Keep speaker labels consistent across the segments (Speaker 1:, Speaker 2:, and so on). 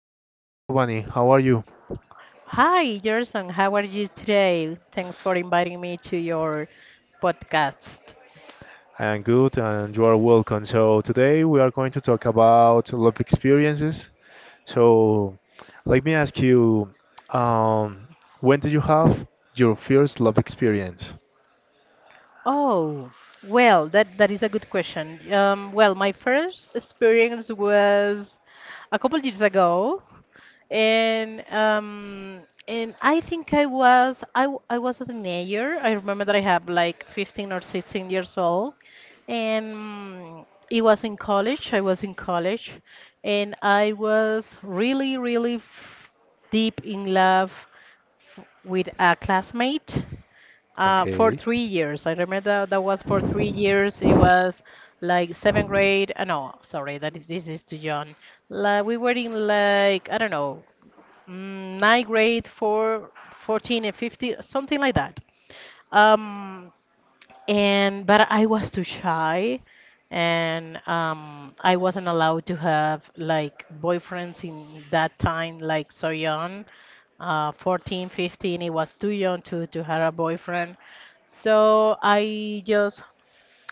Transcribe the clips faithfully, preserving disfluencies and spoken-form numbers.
Speaker 1: So, hello, Bunny. How are you?
Speaker 2: Hi, Gerson. How are you today? Thanks for inviting me to your podcast.
Speaker 1: I am good, and you are welcome. So, today we are going to talk about love experiences. So, let me ask you, um, when did you have your first love experience?
Speaker 2: Oh, well, that that is a good question. Um, well, my first experience was a couple years ago, and um, and I think I was I, w- I was a teenager. I remember that I have like fifteen or sixteen years old, and mm, it was in college. I was in college, and I was really really f deep in love f with a classmate. Uh, for
Speaker 1: Okay.
Speaker 2: three years. I remember that was for three years. It was like seventh grade. Uh, no, sorry, that is, this is too young. Like we were in like I don't know, mm, ninth grade for fourteen and fifteen, something like that. Um, and but I was too shy, and um, I wasn't allowed to have like boyfriends in that time, like so young, uh, fourteen, fifteen. It was too young to to have a boyfriend, so I just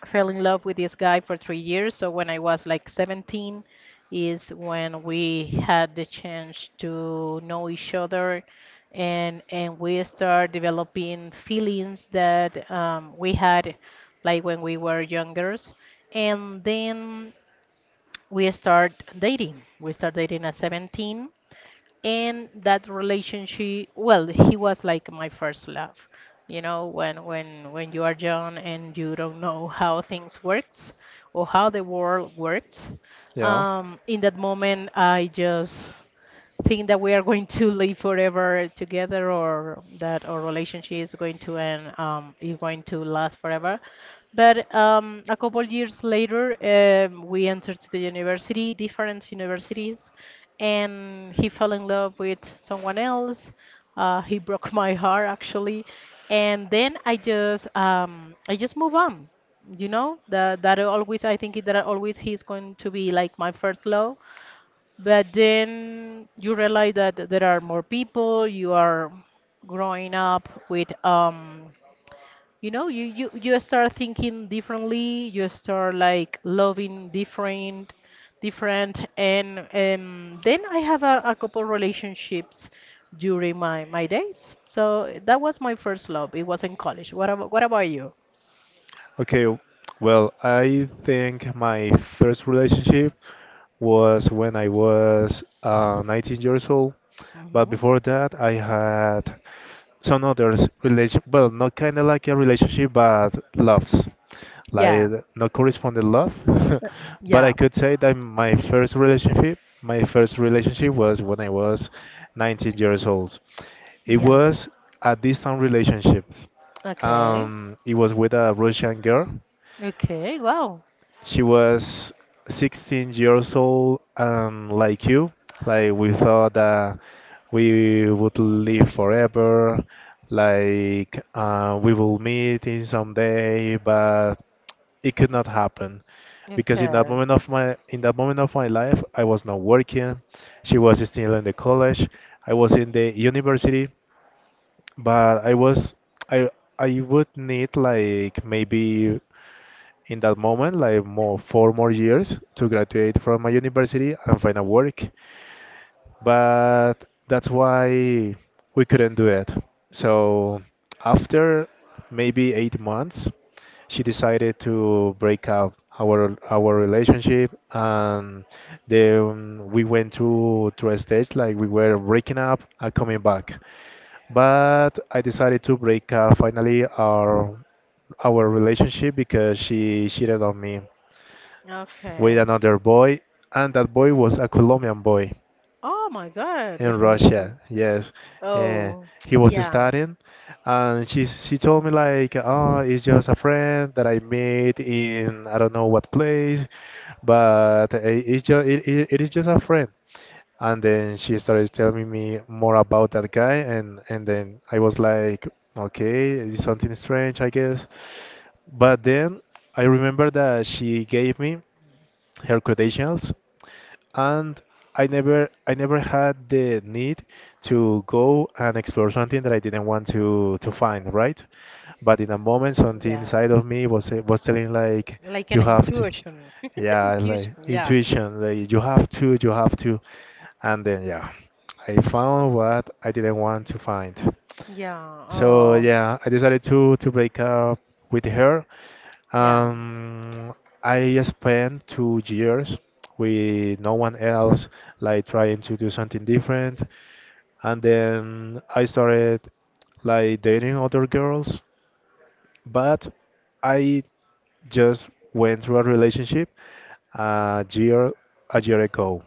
Speaker 2: fell in love with this guy for three years. So when I was like seventeen is when we had the chance to know each other and and we start developing feelings that um, we had like when we were younger. And then we start dating. We start dating at seventeen, and that relationship, well, he was like my first love. You know when when when you are young and you don't know how things works or how the world works,
Speaker 1: Yeah.
Speaker 2: um, in that moment I just think that we are going to live forever together, or that our relationship is going to end, um, is going to last forever. But um, a couple years later, um, we entered the university, different universities, and he fell in love with someone else. Uh, he broke my heart, actually, and then I just um, I just move on. You know that that always, I think that always he's going to be like my first love, but then you realize that there are more people. You are growing up with um you know, you, you you start thinking differently. You start like loving different, different, and um then I have a, a couple relationships during my, my days. So that was my first love. It was in college. What about what about you?
Speaker 1: Okay. w- Well, I think my first relationship was when I was uh, nineteen years old. But
Speaker 2: Hmm.
Speaker 1: before that, I had some others relation. Well, not kind of like a relationship, but loves, like
Speaker 2: Yeah,
Speaker 1: not corresponded love. But I
Speaker 2: yeah,
Speaker 1: could say that my first relationship, my first relationship was when I was nineteen years old. It
Speaker 2: yeah.
Speaker 1: was a distant relationship.
Speaker 2: Okay,
Speaker 1: Um, it was with a Russian girl.
Speaker 2: okay, wow.
Speaker 1: She was sixteen years old, and like you, like we thought that we would live forever, like uh, we will meet in some day, but it could not happen because in that
Speaker 2: Okay,
Speaker 1: moment of my in that moment of my life, I was not working. She was still in the college. I was in the university, but I was I I would need like maybe in that moment, like more four more years to graduate from my university and find a work. But that's why we couldn't do it. So after maybe eight months, she decided to break up our our relationship, and then we went through through a stage like we were breaking up and coming back. But I decided to break up finally our our relationship because she cheated on me with
Speaker 2: okay.
Speaker 1: another boy, and that boy was a Colombian boy
Speaker 2: Oh my
Speaker 1: in
Speaker 2: God.
Speaker 1: Russia. Yes, uh,
Speaker 2: Oh,
Speaker 1: he was
Speaker 2: yeah,
Speaker 1: studying, and she she told me like, oh, it's just a friend that I met in I don't know what place, but uh, it's just it, it, it is just a friend. And then she started telling me more about that guy, and and then I was like, okay, it's something strange, I guess. But then I remember that she gave me her credentials, and I never I never had the need to go and explore something that I didn't want to to find, right? But in a moment, something
Speaker 2: yeah.
Speaker 1: inside of me was eh, was telling like,
Speaker 2: Like an
Speaker 1: you have to,
Speaker 2: intuition.
Speaker 1: yeah,
Speaker 2: Intuition,
Speaker 1: like
Speaker 2: yeah,
Speaker 1: intuition, like you have to, you have to, and then yeah, I found what I didn't want to find.
Speaker 2: yeah.
Speaker 1: So
Speaker 2: Oh,
Speaker 1: yeah, I decided to to break up with her.
Speaker 2: yeah.
Speaker 1: um, I spent two years with no one else, like trying to do something different. And then I started like dating other girls, but I just went through a relationship a year a year ago.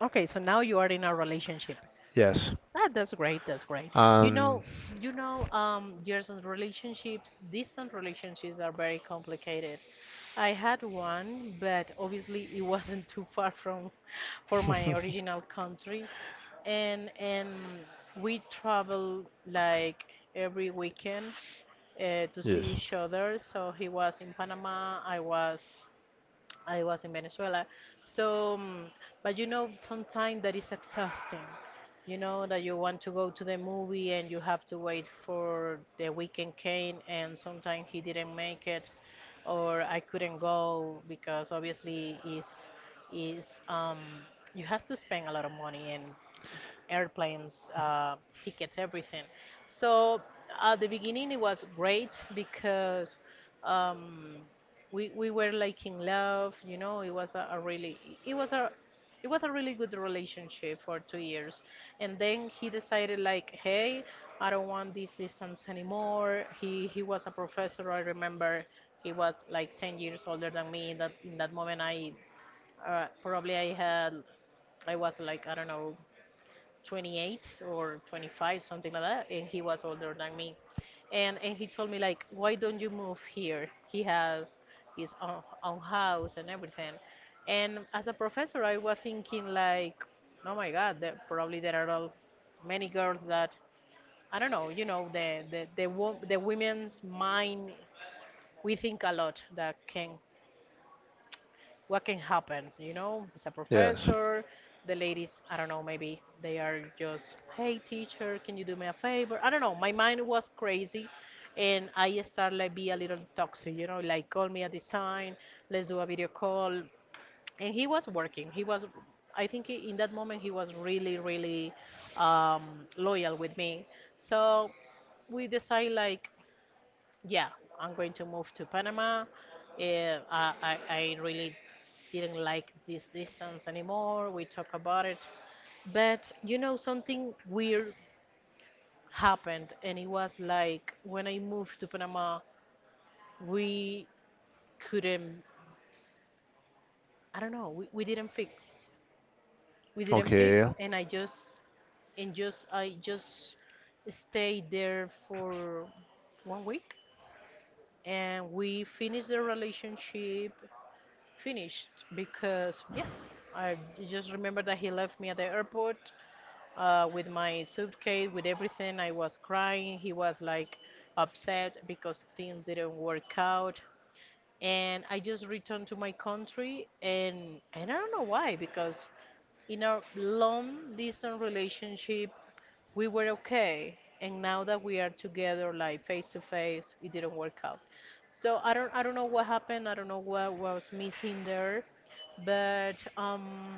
Speaker 2: Okay, so now you are in a relationship.
Speaker 1: Yes.
Speaker 2: That, that's great. That's great. You
Speaker 1: Um,
Speaker 2: know, you know, um, distant relationships, distant relationships are very complicated. I had one, but obviously it wasn't too far from, for my original country, and and we travel like every weekend uh, to see
Speaker 1: yes.
Speaker 2: each other. So he was in Panama, I was I was in Venezuela. So, um, but you know, sometimes that is exhausting. You know that you want to go to the movie and you have to wait for the weekend came, and sometimes he didn't make it, or I couldn't go because obviously is is um you have to spend a lot of money and airplanes, uh, tickets, everything. So at the beginning, it was great because um, we we were like in love. You know, it was a, a really it was a it was a really good relationship for two years, and then he decided like, hey, I don't want this distance anymore. He he was a professor. I remember he was like ten years older than me. In that in that moment, I uh, probably I had I was like I don't know, twenty-eight or twenty-five, something like that, and he was older than me. And and he told me like, why don't you move here? He has his own, own house and everything. And as a professor, I was thinking like, oh my God, that probably there are all many girls that I don't know, you know, the the the, wo- the women's mind. We think a lot that can what can happen, you know, it's a
Speaker 1: Yes.
Speaker 2: professor, the ladies, I don't know, maybe they are just, hey, teacher, can you do me a favor? I don't know, my mind was crazy, and I started like be a little toxic, you know, like call me at this time, let's do a video call, and he was working. He was I think he- in that moment he was really really um, loyal with me. So we decide like, yeah, I'm going to move to Panama. Yeah, I, I, I really didn't like this distance anymore. We talk about it. But you know, something weird happened, and it was like when I moved to Panama, we couldn't, I don't know, we, we didn't fix. We didn't
Speaker 1: Okay.
Speaker 2: fix, and I just, and just, I just stayed there for one week, and we finished the relationship finished because, yeah, I just remember that he left me at the airport, uh, with my suitcase, with everything. I was crying. He was like upset because things didn't work out, and I just returned to my country. And, and I don't know why, because in a long distance relationship we were okay, and now that we are together like face to face, it didn't work out. So I don't, I don't know what happened. I don't know what was missing there. But um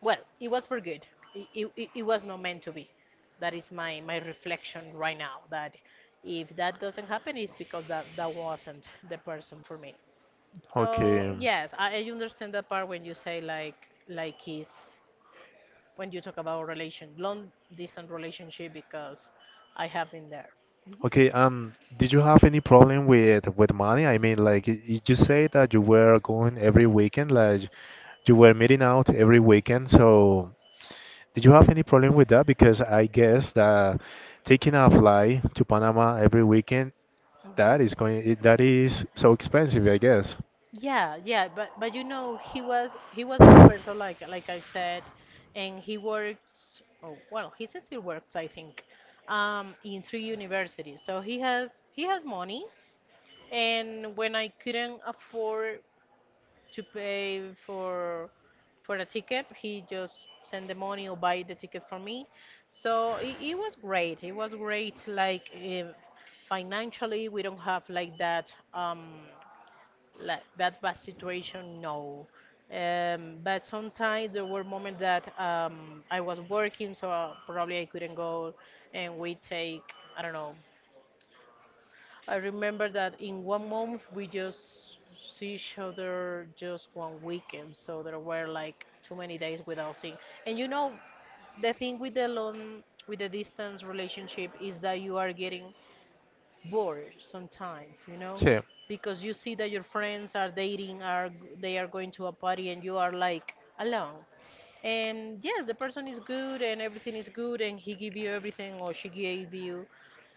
Speaker 2: well, it was for good. it, it, it it was not meant to be. That is my my reflection right now, that if that doesn't happen, it's because that that wasn't the person for me. So
Speaker 1: Okay.
Speaker 2: yes, i, I understand that part when you say like like kiss, when you talk about relation, long distance relationship, because I have been there.
Speaker 1: Okay, um, did you have any problem with with money? I mean, like, y- y- you say that you were going every weekend, like you were meeting out every weekend. So, did you have any problem with that? Because I guess that taking a flight to Panama every weekend,
Speaker 2: Hmm.
Speaker 1: that is going, it- that is so expensive, I guess.
Speaker 2: Yeah, yeah, but but you know, he was he was a professor, like like I said, and he works. Oh, well, he still works, I think, um, in three universities. So he has he has money, and when I couldn't afford to pay for for a ticket. He just sent the money or buy the ticket for me. So it, it was great. It was great. Like eh, financially, we don't have like that um like that bad situation. No. Um, but sometimes there were moments that um, I was working, so probably I couldn't go, and we take I don't know, I remember that in one month we just see each other just one weekend, so there were like too many days without seeing. And you know, the thing with the long, with the distance relationship is that you are getting bored sometimes, you know, because you see that your friends are dating, are they are going to a party, and you are like alone, and yes, the person is good and everything is good, and he give you everything, or she gave you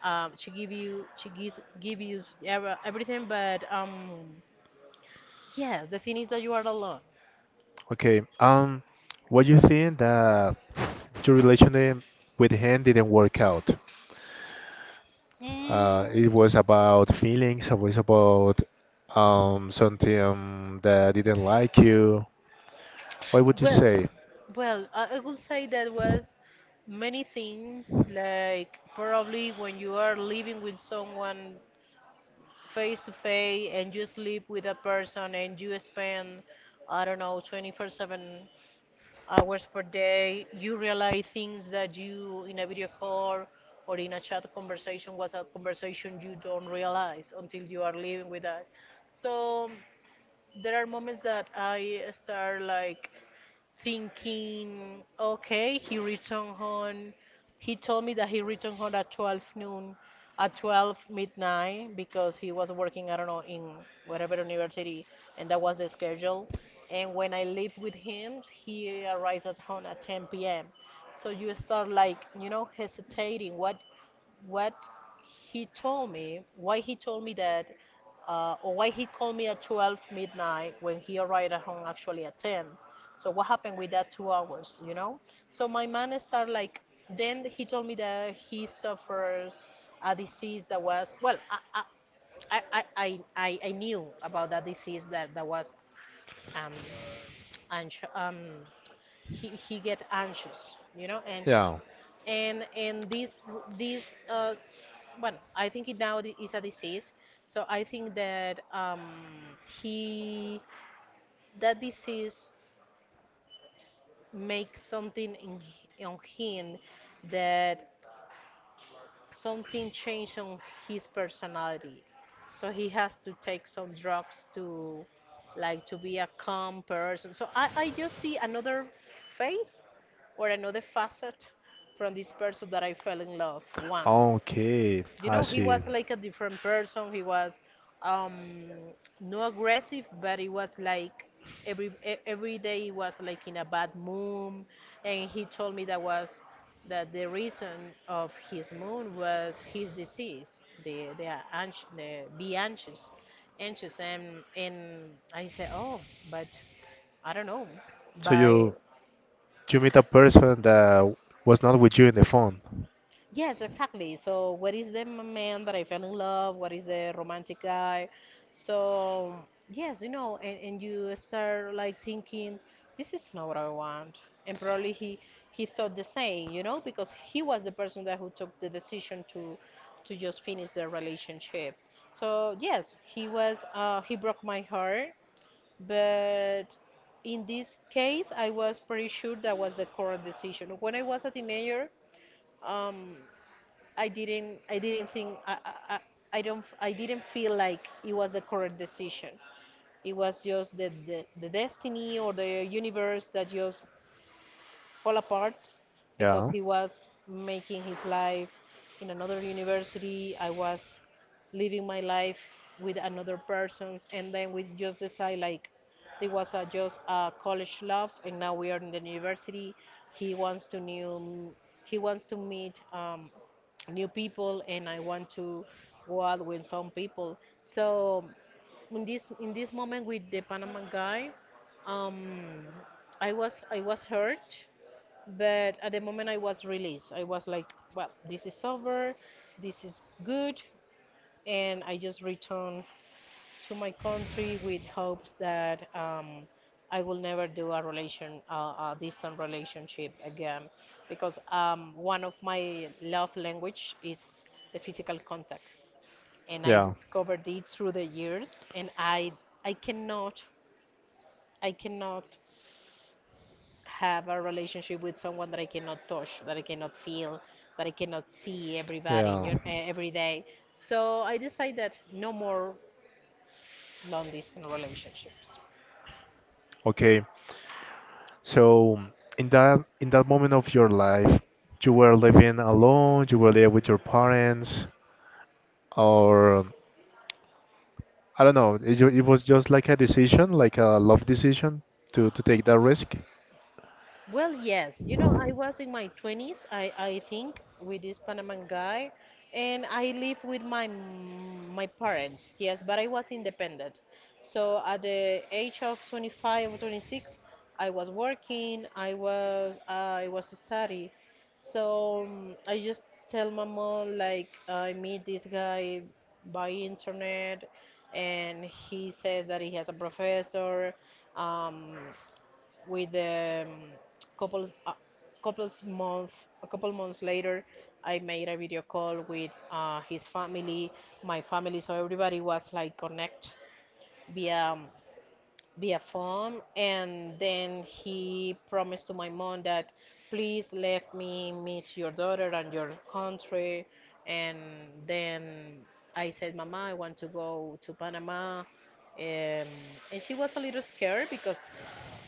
Speaker 2: um, she give you she gives give you s- ever- everything, but um yeah, the thing is that you are alone.
Speaker 1: Okay. Um, what you think that your relationship with him didn't work out? Uh,
Speaker 2: mm,
Speaker 1: it was about feelings. It was about um something that didn't like you. What would you
Speaker 2: well,
Speaker 1: say?
Speaker 2: well I, I would say that was many things, like probably when you are living with someone face to face, and you sleep with a person, and you spend, I don't know, twenty-four seven hours per day. You realize things that you, in a video call or in a chat conversation, WhatsApp conversation, you don't realize until you are living with that. So there are moments that I start like thinking, okay, he returned home. He told me that he returned home at twelve noon, at twelve midnight, because he was working, I don't know, in whatever university, and that was the schedule. And when I lived with him, he arrives at home at ten p m. So you start like, you know, hesitating. What what he told me, why he told me that, uh, or why he called me at twelve midnight when he arrived at home actually at ten. So what happened with that two hours, you know? So my man started like, then he told me that he suffers a disease that was, well, I, I, I, I, I, I knew about that disease that, that was um, ans- um, he, he get anxious, you know, anxious.
Speaker 1: Yeah.
Speaker 2: And and this this uh, s- well, I think it now is a disease. So I think that um, he that disease makes something in, h- on him, that something changed on his personality. So he has to take some drugs to like to be a calm person. So I, I just see another face, or another facet, from this person that I fell in love once.
Speaker 1: Okay,
Speaker 2: You
Speaker 1: I
Speaker 2: know, he
Speaker 1: see.
Speaker 2: was like a different person. He was um no aggressive, but he was like every e- every day he was like in a bad mood, and he told me that was that the reason of his mood was his disease, the the, anx- the be anxious anxious, and and I said, oh, but I don't know.
Speaker 1: So
Speaker 2: By
Speaker 1: you you meet a person that was not with you in the phone.
Speaker 2: Yes, exactly. So, what is the m- man that I fell in love? What is the romantic guy? So, yes, you know, and, and you start like thinking, this is not what I want. And probably he he thought the same, you know, because he was the person that who took the decision to to just finish their relationship. So, yes, he was uh, he broke my heart, but in this case, I was pretty sure that was the correct decision. When I was a teenager, um, I didn't I didn't think I, I, I don't I didn't feel like it was the correct decision. It was just the, the, the destiny or the universe that just fall apart because
Speaker 1: Yeah.
Speaker 2: he was making his life in another university. I was living my life with another person's, and then we just decide like there was a, just a college love, and now we are in the university. He wants to new, he wants to meet um, new people, and I want to go out with some people. So in this in this moment with the Panama guy, um, I was I was hurt but at the moment I was released, I was like, well, this is over, this is good, and I just returned to my country with hopes that um, I will never do a relation, uh, a distant relationship again, because um, one of my love language is the physical contact, and I discovered it through the years, and I I cannot I cannot have a relationship with someone that I cannot touch, that I cannot feel, that I cannot see everybody you know, eh, every day. So I decided no more long distance relationship.
Speaker 1: Okay. So in that in that moment of your life, you were living alone, you were there with your parents, or I don't know, it, ju- it was just like a decision, like a love decision to, to take that risk.
Speaker 2: Well, yes. You know, I was in my twenties, I, I think, with this Panaman guy, and I live with my m- my parents, yes, but I was independent. So at the age of twenty-five or twenty-six, I was working, I was I was study. So um, I just tell my mom like I meet this guy by internet, and he says that he has a professor. Um, with the um, couples uh, couples month a couple months later, I made a video call with uh, his family my family, so everybody was like connect via um, via phone. And then he promised to my mom that, "Please let me meet your daughter and your country." And then I said, "Mama, I want to go to Panama." Um, and she was a little scared because,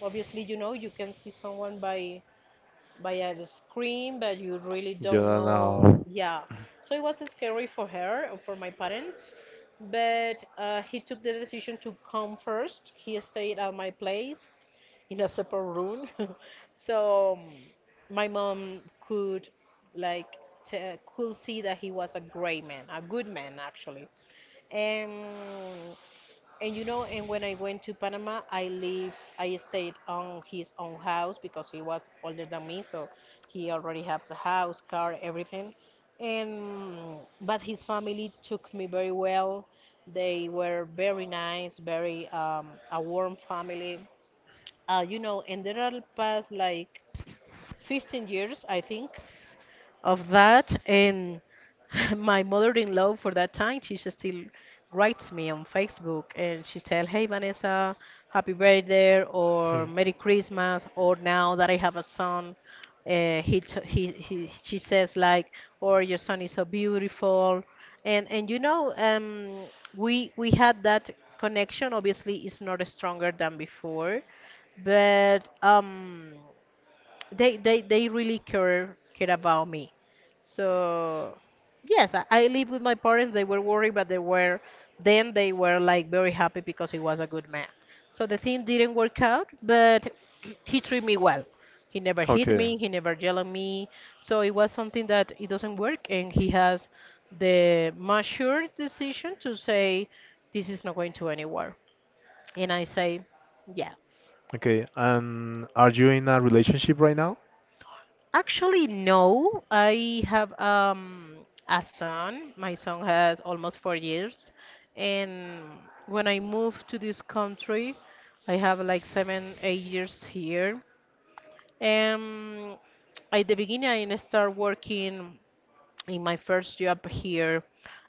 Speaker 2: obviously, you know, you can see someone by by a scream, but you really
Speaker 1: You
Speaker 2: don't
Speaker 1: don't
Speaker 2: know.
Speaker 1: know.
Speaker 2: Yeah. So it was scary for her and for my parents. But uh, he took the decision to come first. He stayed at my place in a separate room. So um, my mom could like t- could see that he was a great man, a good man actually. Um, and you know, and when I went to Panama, I live, I stayed on his own house because he was older than me, so he already has a house, car, everything. And but his family took me very well. They were very nice, very um, a warm family. Uh, you know, and there are past like fifteen years, I think, of that. And my mother-in-law for that time, she just still writes me on Facebook, and she tell, "Hey Vanessa, happy birthday,"
Speaker 1: Hmm.
Speaker 2: or, "Merry Christmas." Or now that I have a son, uh, he, t- he he she says like, "Or your son is so beautiful." And and you know, um, we we had that connection. Obviously, it's not stronger than before, but um they they they really care care about me. So yes, I, I live with my parents. They were worried, but they were then they were like very happy because he was a good man. So the thing didn't work out, but he treated me well. He never hit
Speaker 1: Okay.
Speaker 2: me, he never yelled at me. So it was something that it doesn't work, and he has the mature decision to say this is not going to anywhere, and I say yeah.
Speaker 1: Okay. And are you in a relationship right now?
Speaker 2: Actually, no. I have um, a son. My son has almost four years. And when I moved to this country, I have like seven, eight years here. And at the beginning, I started working in my first job here,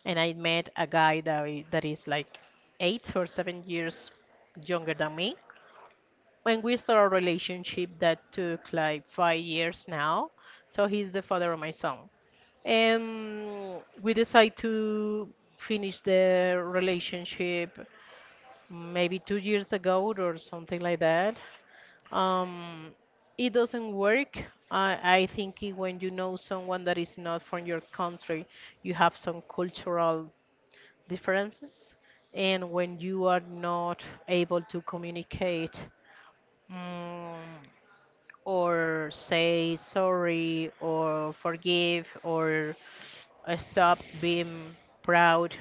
Speaker 2: and I met a guy that, I- that is like eight or seven years younger than me when we started a relationship that took like five years now. So he's the father of my son. And we decided to finish the relationship maybe two years ago or something like that. Um, it doesn't work. I, I think it- when you know someone that is not from your country, you have some cultural differences. And when you are not able to communicate, mm or say sorry or forgive, or uh, stop being proud,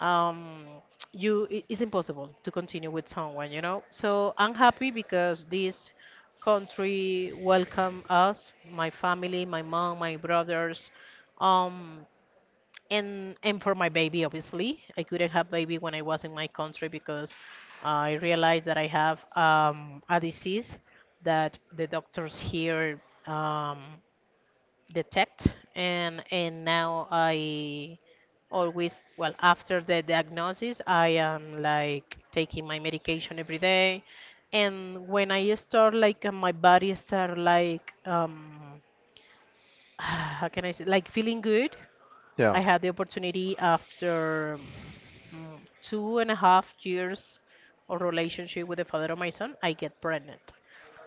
Speaker 2: um, you i- it's impossible to continue with someone, you know. So I'm happy because this country welcomed us, my family, my mom, my brothers. Um, and and for my baby, obviously, I couldn't have baby when I was in my country because I realized that I have um, a disease that the doctors here um, detect. and and now I always, well, after the diagnosis, I am like taking my medication every day. And when I start like uh, my body start like um how can I say, like, feeling good,
Speaker 1: Yeah.
Speaker 2: I had the opportunity after mm, two and a half years of relationship with the father of my son, I get pregnant.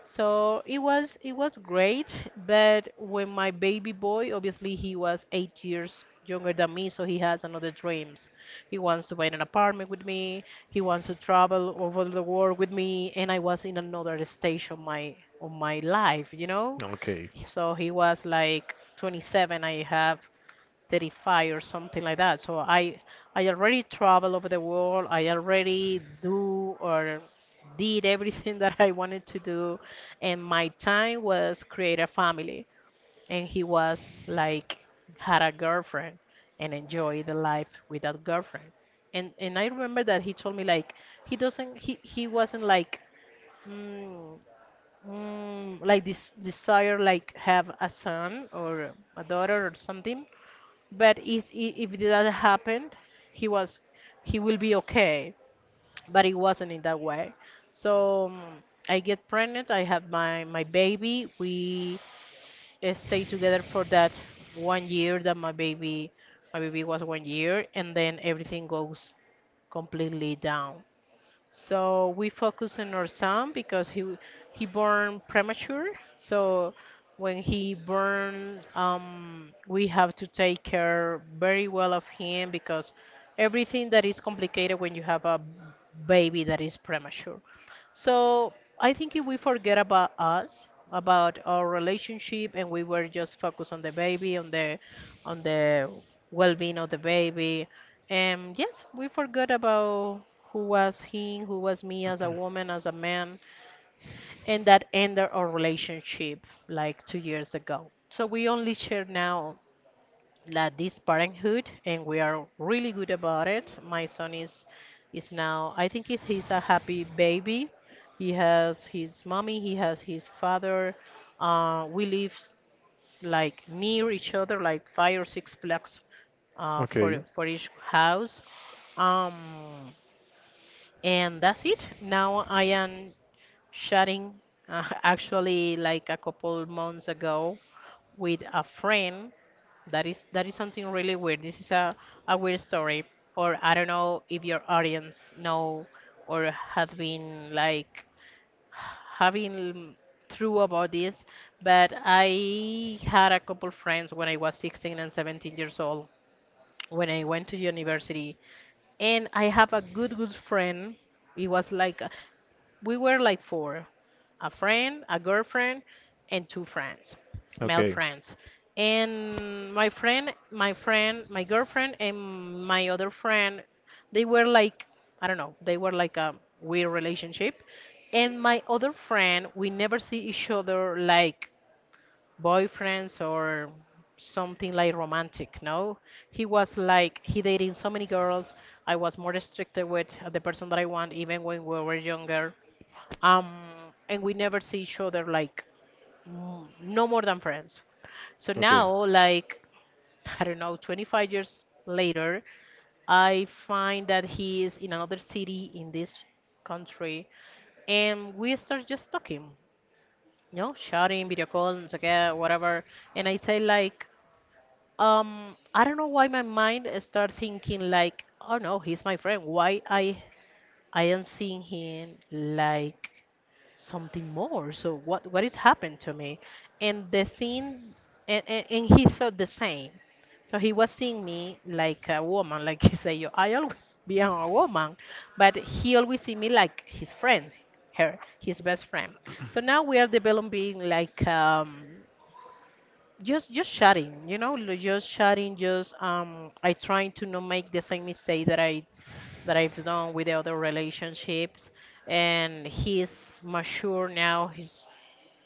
Speaker 2: So it was it was great, but when my baby boy, obviously, he was eight years younger than me, so he has another dreams. He wants to buy an apartment with me. He wants to travel over the world with me, and I was in another stage of my of my life, you know.
Speaker 1: Okay. Um, I
Speaker 2: So he was like twenty-seven. I have thirty-five or something like that. So I I already travel over the world. I already do or did everything that I wanted to do, and my time was create a family. And he was like had a girlfriend and enjoy the life with that girlfriend. And and I remember that he told me like he doesn't he he wasn't like mm, mm, like this desire like have a son or a daughter or something, but if i- if that happened, he was he will be okay. But it wasn't in that way. So mm, I get pregnant. I have my my baby. We uh, stay together for that one year that my baby my baby was one year, and then everything goes completely down. So we focus on our son because he w- he born premature. So when he born, um, we have to take care very well of him because everything that is complicated when you have a baby that is premature. So I think if we forget about us, about our relationship, and we were just focused on the baby, on the on the well-being of the baby, and yes, we forgot about who was he, who was me as a woman, as a man, and that ended our relationship like two years ago. So we only share now like this parenthood, and we are really good about it. My son is is now, I think he's, he's a happy baby. He has his mommy, he has his father. Uh, we live like near each other, like five or six blocks uh, for for each house. Um, and that's it. Now I am sharing uh, actually like a couple months ago with a friend. That is that is something really weird. This is a, a weird story, or I don't know if your audience know or have been like having through about this, but I had a couple friends when I was sixteen and seventeen years old when I went to university, and I have a good good friend. It was like uh, we were like four, a friend, a girlfriend, and two friends, male
Speaker 1: Okay.
Speaker 2: friends. And my friend, my friend, my girlfriend, and my other friend, they were like, I don't know, they were like a weird relationship. And my other friend, we never see each other like boyfriends or something like romantic, no? He was like, he dating so many girls. I was more restricted with the person that I want, even when we were younger, um, and we never see each other like m- no more than friends. So
Speaker 1: Okay.
Speaker 2: now, like I don't know, twenty-five years later, I find that he is in another city in this country, and we start just talking, you know, shouting, video calls, and so yeah, whatever. And I say like, um, I don't know why my mind start thinking like, oh no, he's my friend. Why I I am seeing him like something more. So what what has happened to me? And the thing, and, and, and he thought the same. So he was seeing me like a woman, like he say, "Yo, I always be a woman, but he always see me like his friend, her, his best friend." So now we are developing like um, just just sharing, you know, l- just sharing, just um, I trying to not make the same mistake that I that I've done with the other relationships. And he's mature now. He's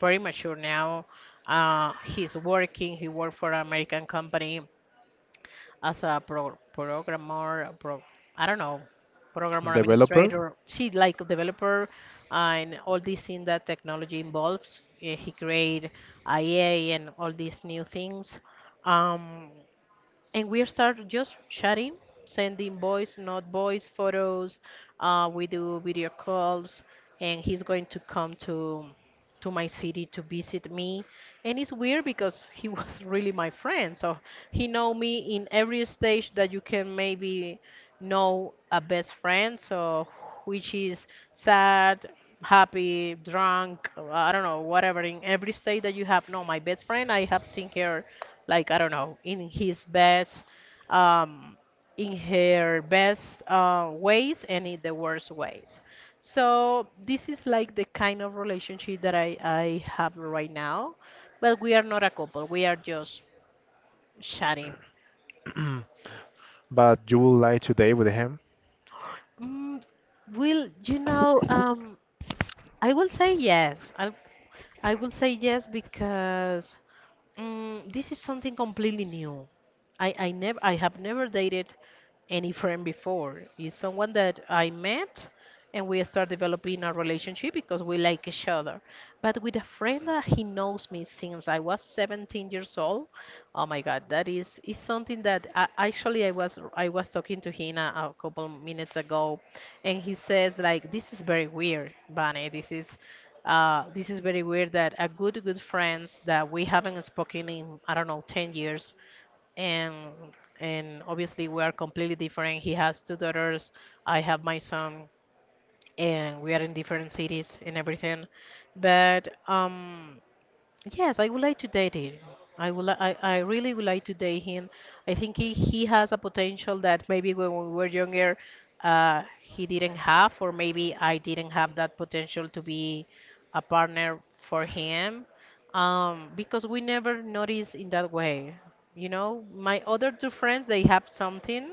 Speaker 2: very mature now. Uh, he's working. He worked for an American company as a pro- programmer. A Pro- I don't know, programmer
Speaker 1: Developer.
Speaker 2: administrator. She like a developer, uh, and all these things that technology involves. Uh, He create I A and all these new things. Um, and we start just chatting, sending voice, not voice photos. Uh, we do video calls, and he's going to come to to my city to visit me. And it's weird because he was really my friend, so he know me in every stage that you can maybe know a best friend, so which is sad, happy, drunk, I don't know, whatever. In every state that you have, no, my best friend, I have seen her, like I don't know, in his best, um, in her best uh, ways and in the worst ways. So this is like the kind of relationship that I I have right now, but we are not a couple. We are just chatting.
Speaker 1: But you will lie today with him?
Speaker 2: Mm, Will, you know, um, I will say yes. I I will say yes because mm, this is something completely new. I I never I have never dated any friend before. It's someone that I met and we start developing a relationship because we like each other. But with a friend that he knows me since I was seventeen years old, oh my God, that is is something that I, actually I was I was talking to him a, a couple minutes ago, and he says like this is very weird, Bunny. This is uh, this is very weird that a good, good friends that we haven't spoken in, I don't know, ten years, and and obviously we are completely different. He has two daughters, I have my son, and we are in different cities and everything. But um, yes, I would like to date him. I would li- I, I really would like to date him. I think he, he has a potential that maybe when we were younger, uh, he didn't have, or maybe I didn't have that potential to be a partner for him. Um, because we never noticed in that way. You know, my other two friends, they have something,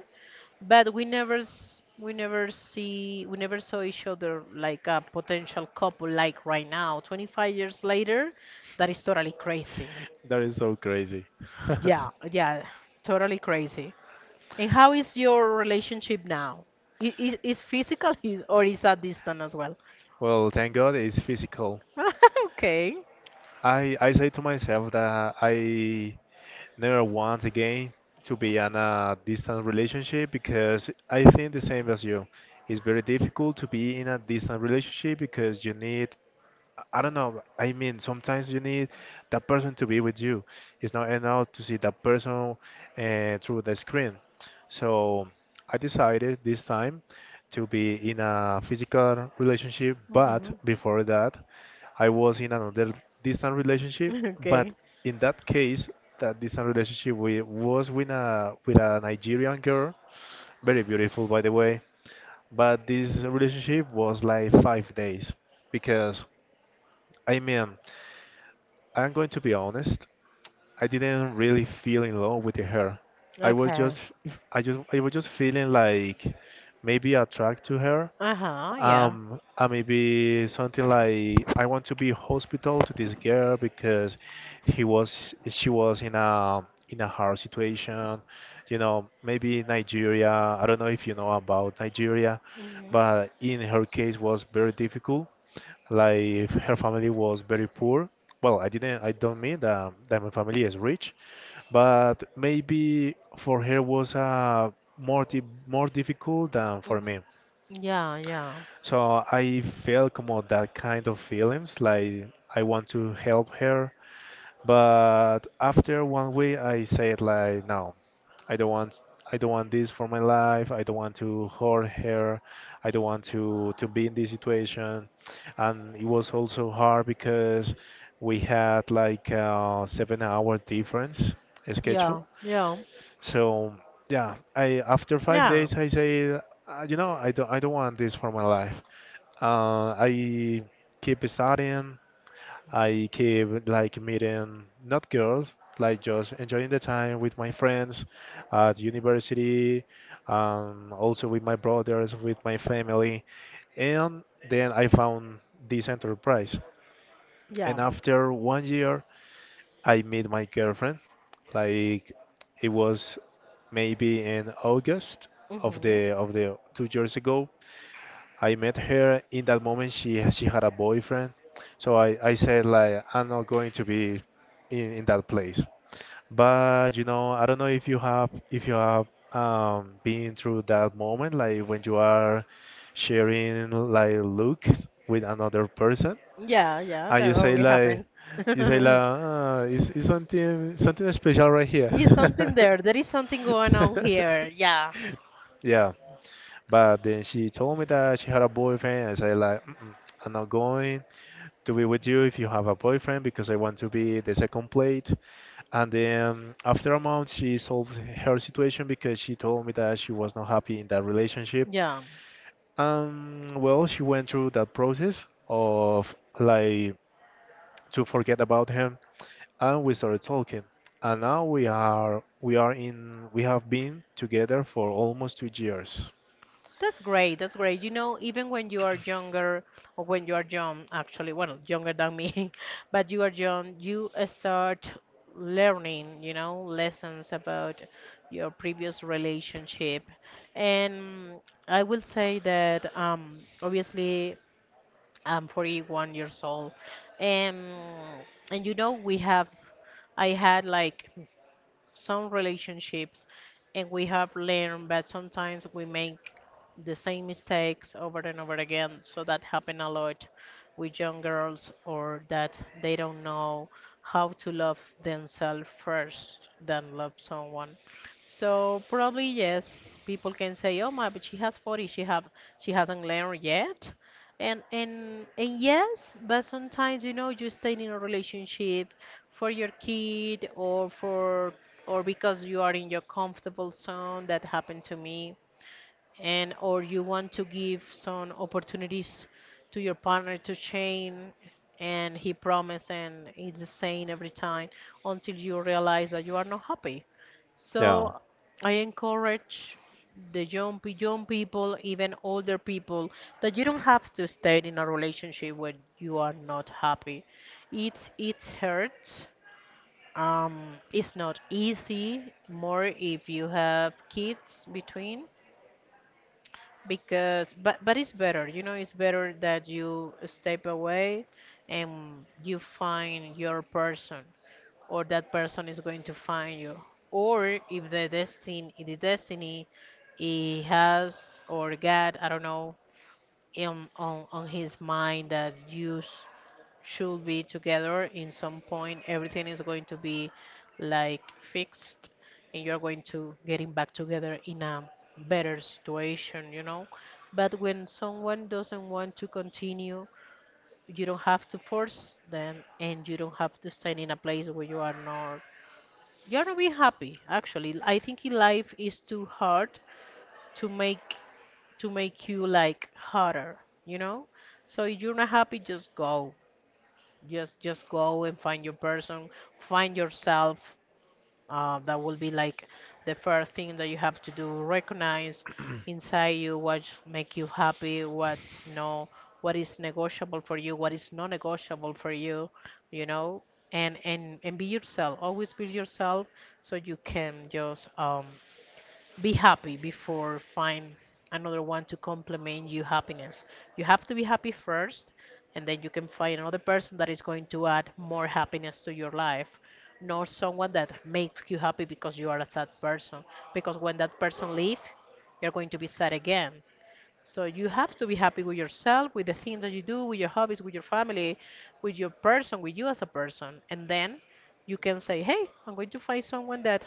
Speaker 2: but we never s- we never see we never saw each other like a potential couple like right now. twenty-five years later, that is totally crazy.
Speaker 1: That is so crazy.
Speaker 2: Yeah, yeah, totally crazy. And how is your relationship now? Is is, is physical is- or is that distant as well?
Speaker 1: Well, thank God it's physical.
Speaker 2: Okay.
Speaker 1: I I say to myself that I never want again to be in a distant relationship because I think the same as you. It's very difficult to be in a distant relationship because you need I don't know. I mean, sometimes you need that person to be with you. It's not enough to see that person uh, through the screen. So I decided this time to be in a physical relationship, but
Speaker 2: Mhm.
Speaker 1: before that, I was in another distant relationship. But
Speaker 2: Okay.
Speaker 1: in that case, that distant relationship we was with a with a Nigerian girl, very beautiful, by the way. But this relationship was like five days because. I mean, I'm going to be honest. I didn't really feel in love with the hair. I was
Speaker 2: Okay.
Speaker 1: just, I just, I was just feeling like maybe attracted to her.
Speaker 2: Uh-huh. Yeah.
Speaker 1: Um, uh, maybe something like I want to be hospital to this girl because he was, she was in a in a hard situation. You know, maybe Nigeria. I don't know if you know about Nigeria, but in her case was very difficult. Like her family was very poor. Well, I didn't. I don't mean that, that my family is rich, but maybe for her was uh, more di more difficult than for me.
Speaker 2: Mhm. Yeah, yeah.
Speaker 1: So I felt como that kind of feelings, like I want to help her, but after one week, I said like, no, I don't want, I don't want this for my life. I don't want to hurt her. I don't want to to be in this situation. And it was also hard because we had like a seven-hour difference schedule.
Speaker 2: Yeah, yeah,
Speaker 1: So yeah, I after five
Speaker 2: yeah,
Speaker 1: days, I say, "Uh, you know, I don't, I don't want this for my life. Uh, I Keep studying. I keep like meeting not girls, like just enjoying the time with my friends at university, um, also with my brothers, with my family, and then I found this enterprise.
Speaker 2: yeah.
Speaker 1: And after one year, I met my girlfriend. Like it was maybe in August of
Speaker 2: Hmm.
Speaker 1: the of the two years ago. I met her in that moment. She she had a boyfriend, so I I said like I'm not going to be in in that place. But you know, I don't know if you have if you have um been through that moment, like when you are sharing like looks with another person,
Speaker 2: Yeah, yeah,
Speaker 1: and you
Speaker 2: that
Speaker 1: say
Speaker 2: always
Speaker 1: like
Speaker 2: happen.
Speaker 1: you say like uh, it's, it's something something special right here.
Speaker 2: Is something there? There is something going on here. Yeah,
Speaker 1: Yeah. But then she told me that she had a boyfriend. I said like, Mm-mm, I'm not going to be with you if you have a boyfriend because I want to be the second plate. And then after a month, she solved her situation because she told me that she was not happy in that relationship.
Speaker 2: yeah,
Speaker 1: Um, well, she went through that process of like to forget about him, and we started talking. And now we are we are in we have been together for almost two years.
Speaker 2: that's great. That's great. You know, even when you are younger, or when you are young, actually, well, younger than me, but you are young, you uh, start learning, you know, lessons about your previous relationship. And I will say that, um, obviously, I'm forty-one years old, and and you know, we have, I had like some relationships, and we have learned, but sometimes we make the same mistakes over and over again. So that happen a lot with young girls, or that they don't know how to love themselves first than love someone. So probably yes, people can say, oh my, but she has forty, she have she hasn't learned yet. And and and yes, but sometimes, you know, you stay in a relationship for your kid, or for or because you are in your comfortable zone, that happened to me, and or you want to give some opportunities to your partner to change, and he promised, and it's the same every time, until you realize that you are not happy.
Speaker 1: Yeah.
Speaker 2: So I encourage the young, pe- young people, even older people, that you don't have to stay in a relationship where you are not happy. it it hurts. Um, it's not easy, more if you have kids between, because but but it's better, you know, it's better that you step away and you find your person, or that person is going to find you. Or if the destiny the destiny he has, or God, I don't know, in on on his mind, that you s- should be together in some point, everything is going to be like fixed, and you're going to getting back together in a better situation, you know. But when someone doesn't want to continue, you don't have to force them, and you don't have to stand in a place where you are not you're not being happy. Actually, I think in life is too hard to make, to make you like harder, you know. So if you're not happy, just go, just just go and find your person, find yourself. Uh, that will be like the first thing that you have to do: recognize inside you what make you happy, what's no, what is negotiable for you, what is non negotiable for you, you know. And and and be yourself, always be yourself, so you can just um be happy before find another one to complement your happiness. You have to be happy first, and then you can find another person that is going to add more happiness to your life, not someone that makes you happy because you are a sad person. Because when that person leaves, you're going to be sad again. So you have to be happy with yourself, with the things that you do, with your hobbies, with your family, with your person, with you as a person. And then you can say, hey, I'm going to find someone that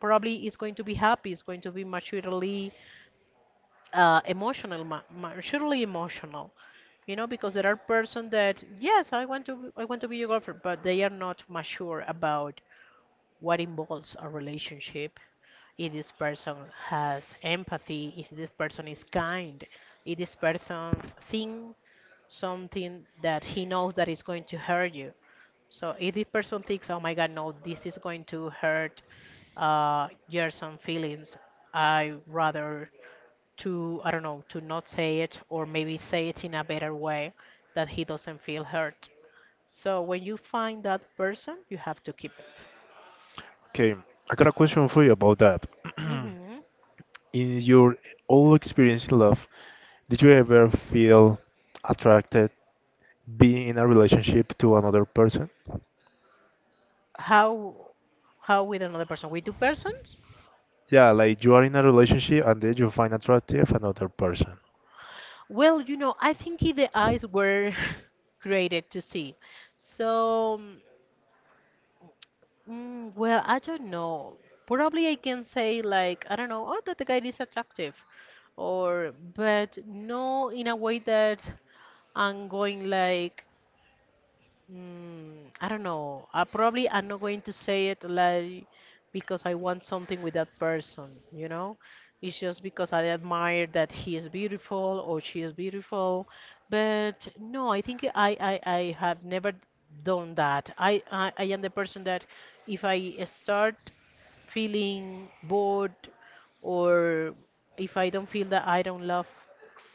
Speaker 2: probably is going to be happy, is going to be maturely uh, emotional, ma- maturely emotional. You know, because there are persons that, yes, I want to, I want to be your girlfriend, but they are not mature about what involves a relationship, if this person has empathy, if this person is kind, if this person thinks something that he knows that is going to hurt you. So if this person thinks, oh my God, no, this is going to hurt uh, your some feelings, I rather to, I don't know, to not say it, or maybe say it in a better way that he doesn't feel hurt. So when you find that person, you have to keep it.
Speaker 1: Okay, I got a question for you about that.
Speaker 2: Mm-hmm.
Speaker 1: In your all experience in love, did you ever feel attracted being in a relationship to another person?
Speaker 2: How how with another person? With two persons?
Speaker 1: Yeah, like you are in a relationship and then you find attractive another person.
Speaker 2: Well, you know, I think i- the eyes were created to see. So, mm, well, I don't know. Probably I can say like, I don't know, oh, that the guy is attractive, or but no in a way that I'm going like, mm, I don't know. I probably I'm not going to say it like because I want something with that person, you know? It's just because I admire that he is beautiful or she is beautiful. But no, I think I, I, I have never done that. I, I, I am the person that if I start feeling bored, or if I don't feel that I don't love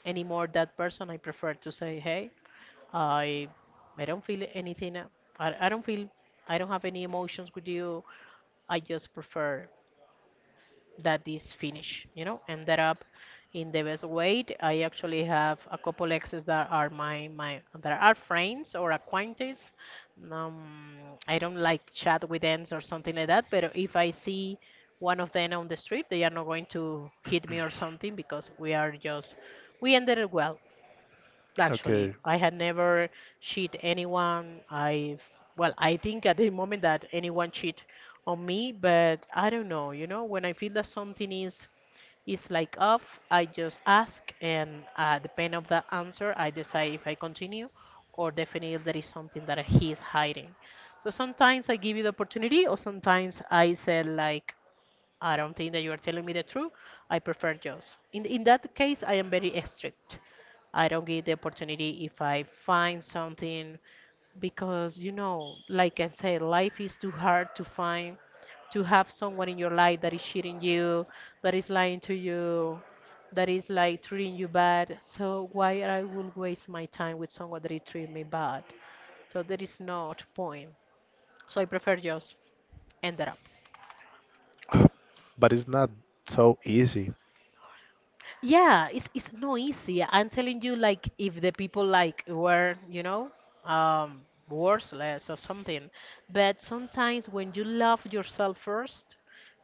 Speaker 2: anymore that person, I prefer to say, hey, I I don't feel anything. uh, I, I don't feel, I don't have any emotions with you. I just prefer that this finish, you know, ended up in the best way. I actually have a couple exes that are my, my that are friends or acquaintances. Um, I don't like chat with them or something like that, but if I see one of them on the street, they are not going to hit me or something because we are just we ended it well. Actually,
Speaker 1: Okay,
Speaker 2: I had never cheat anyone. I've well, I think at the moment that anyone cheat on me, but I don't know. You know, when I feel that something is is like off, I just ask, and uh, depend of the answer, I decide if I continue, or definitely if there is something that he's hiding. So sometimes I give you the opportunity, or sometimes I say like, I don't think that you are telling me the truth. I prefer Jaws. In, in that case, I am very strict. I don't give the opportunity if I find something because, you know, like I said, life is too hard to find, to have someone in your life that is cheating you, that is lying to you, that is like treating you bad. So why I will waste my time with someone that is treating me bad? So there is not point. So I prefer Jaws. Ended up.
Speaker 1: but it's not so easy.
Speaker 2: Yeah, it's it's not easy. I'm telling you, like if the people like were, you know, um, worthless or something. But sometimes when you love yourself first,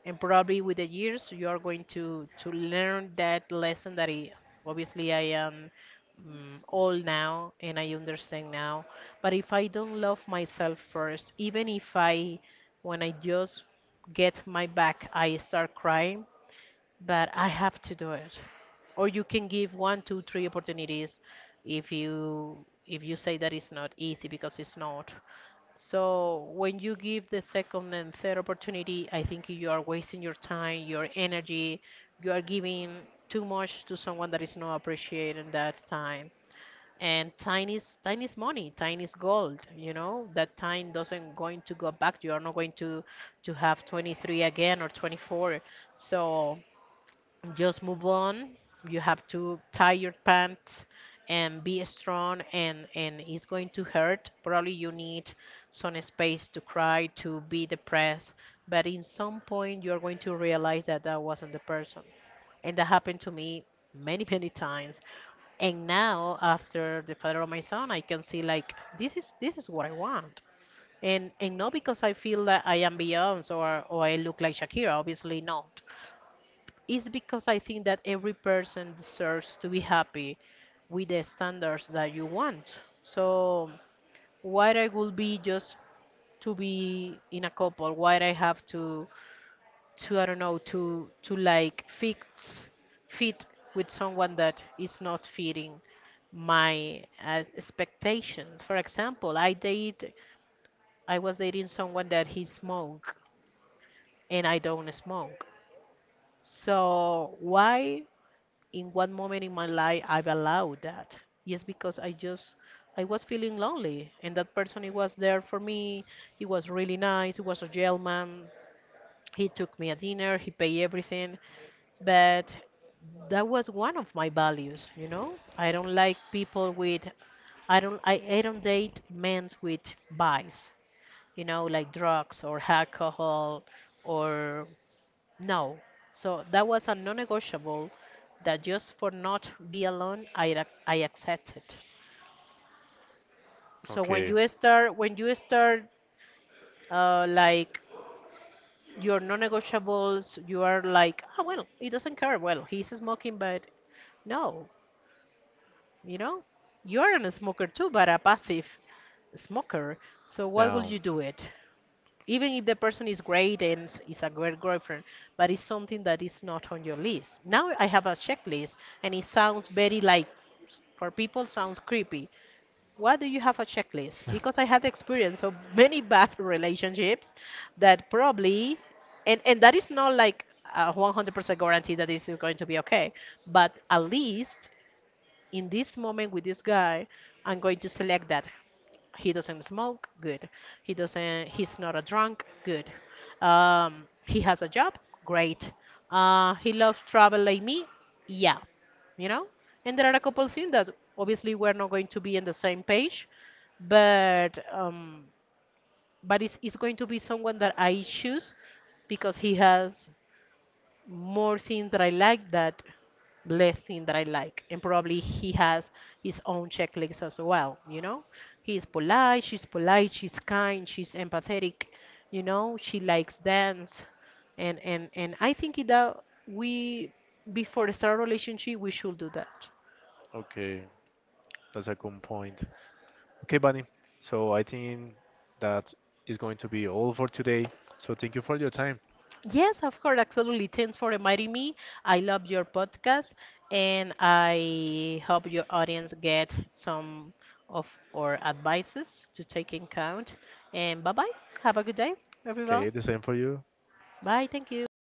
Speaker 2: and probably with the years you are going to to learn that lesson that I, obviously I am mm, old now and I understand now. But if I don't love myself first, even if I, when I just get my back, I start crying but I have to do it. Or you can give one, two, three opportunities if you if you say that it's not easy because it's not. So when you give the second and third opportunity, I think you are wasting your time, your energy. You are giving too much to someone that is not appreciating that time. And time is time is money, time is gold. You know that time doesn't going to go back. You are not going to to have twenty-three again or twenty-four. So just move on. You have to tie your pants and be strong and and it's going to hurt. Probably you need some space to cry, to be depressed, but in some point you're going to realize that that wasn't the person. And that happened to me many, many times. And now after the father of my son, I can see like this is this is what I want. And and not because I feel that I am Beyonce or or I look like Shakira, obviously no. It's because I think that every person deserves to be happy with the standards that you want. So why I would be just to be in a couple? Why I have to to I don't know to to like fix fit with someone that is not fitting my uh, expectations. For example, I date I was dating someone that he smoked and I don't smoke. So why in one moment in my life I've allowed that. Yes, because I just I was feeling lonely, and that person he was there for me. He was really nice. He was a gentleman. He took me a dinner. He paid everything, but that was one of my values. You know, I don't like people with. I don't I, I don't date men with vice, you know, like drugs or alcohol or no. So that was a non-negotiable that just for not be alone, I ac- I accepted. So when
Speaker 1: Okay.
Speaker 2: you start when you start uh, like your non-negotiables, you are like, oh well, he doesn't care. Well, he's smoking, but no, you know, you're a smoker too, but a passive smoker. So why would
Speaker 1: Yeah.
Speaker 2: you do it? Even if the person is great and s- is a great girlfriend, but it's something that is not on your list. Now I have a checklist, and it sounds very like for people sounds creepy. Why do you have a checklist? Because I had experience of many bad relationships that probably, and and that is not like a 100% guarantee that this is going to be okay, but at least in this moment with this guy, I'm going to select that he doesn't smoke, good. He doesn't, he's not a drunk, good. um, he has a job, great. uh, he loves travel like me, yeah, you know. And there are a couple things that obviously we're not going to be on the same page, but um, but it's, it's going to be someone that I choose because he has more things that I like that less things that I like. And probably he has his own checklist as well, you know? He is polite, she's polite, she's kind, she's empathetic, you know, she likes dance. And and and I think that we before start a relationship we should do that.
Speaker 1: Okay, that's a good point. Okay, Bunny. So I think that is going to be all for today. So thank you for your time.
Speaker 2: Yes, of course, absolutely. Thanks for inviting me. I love your podcast, and I hope your audience get some of our advices to take in count. And bye bye. Have a good day,
Speaker 1: Okay,
Speaker 2: everyone.
Speaker 1: the same for you.
Speaker 2: Bye. Thank you.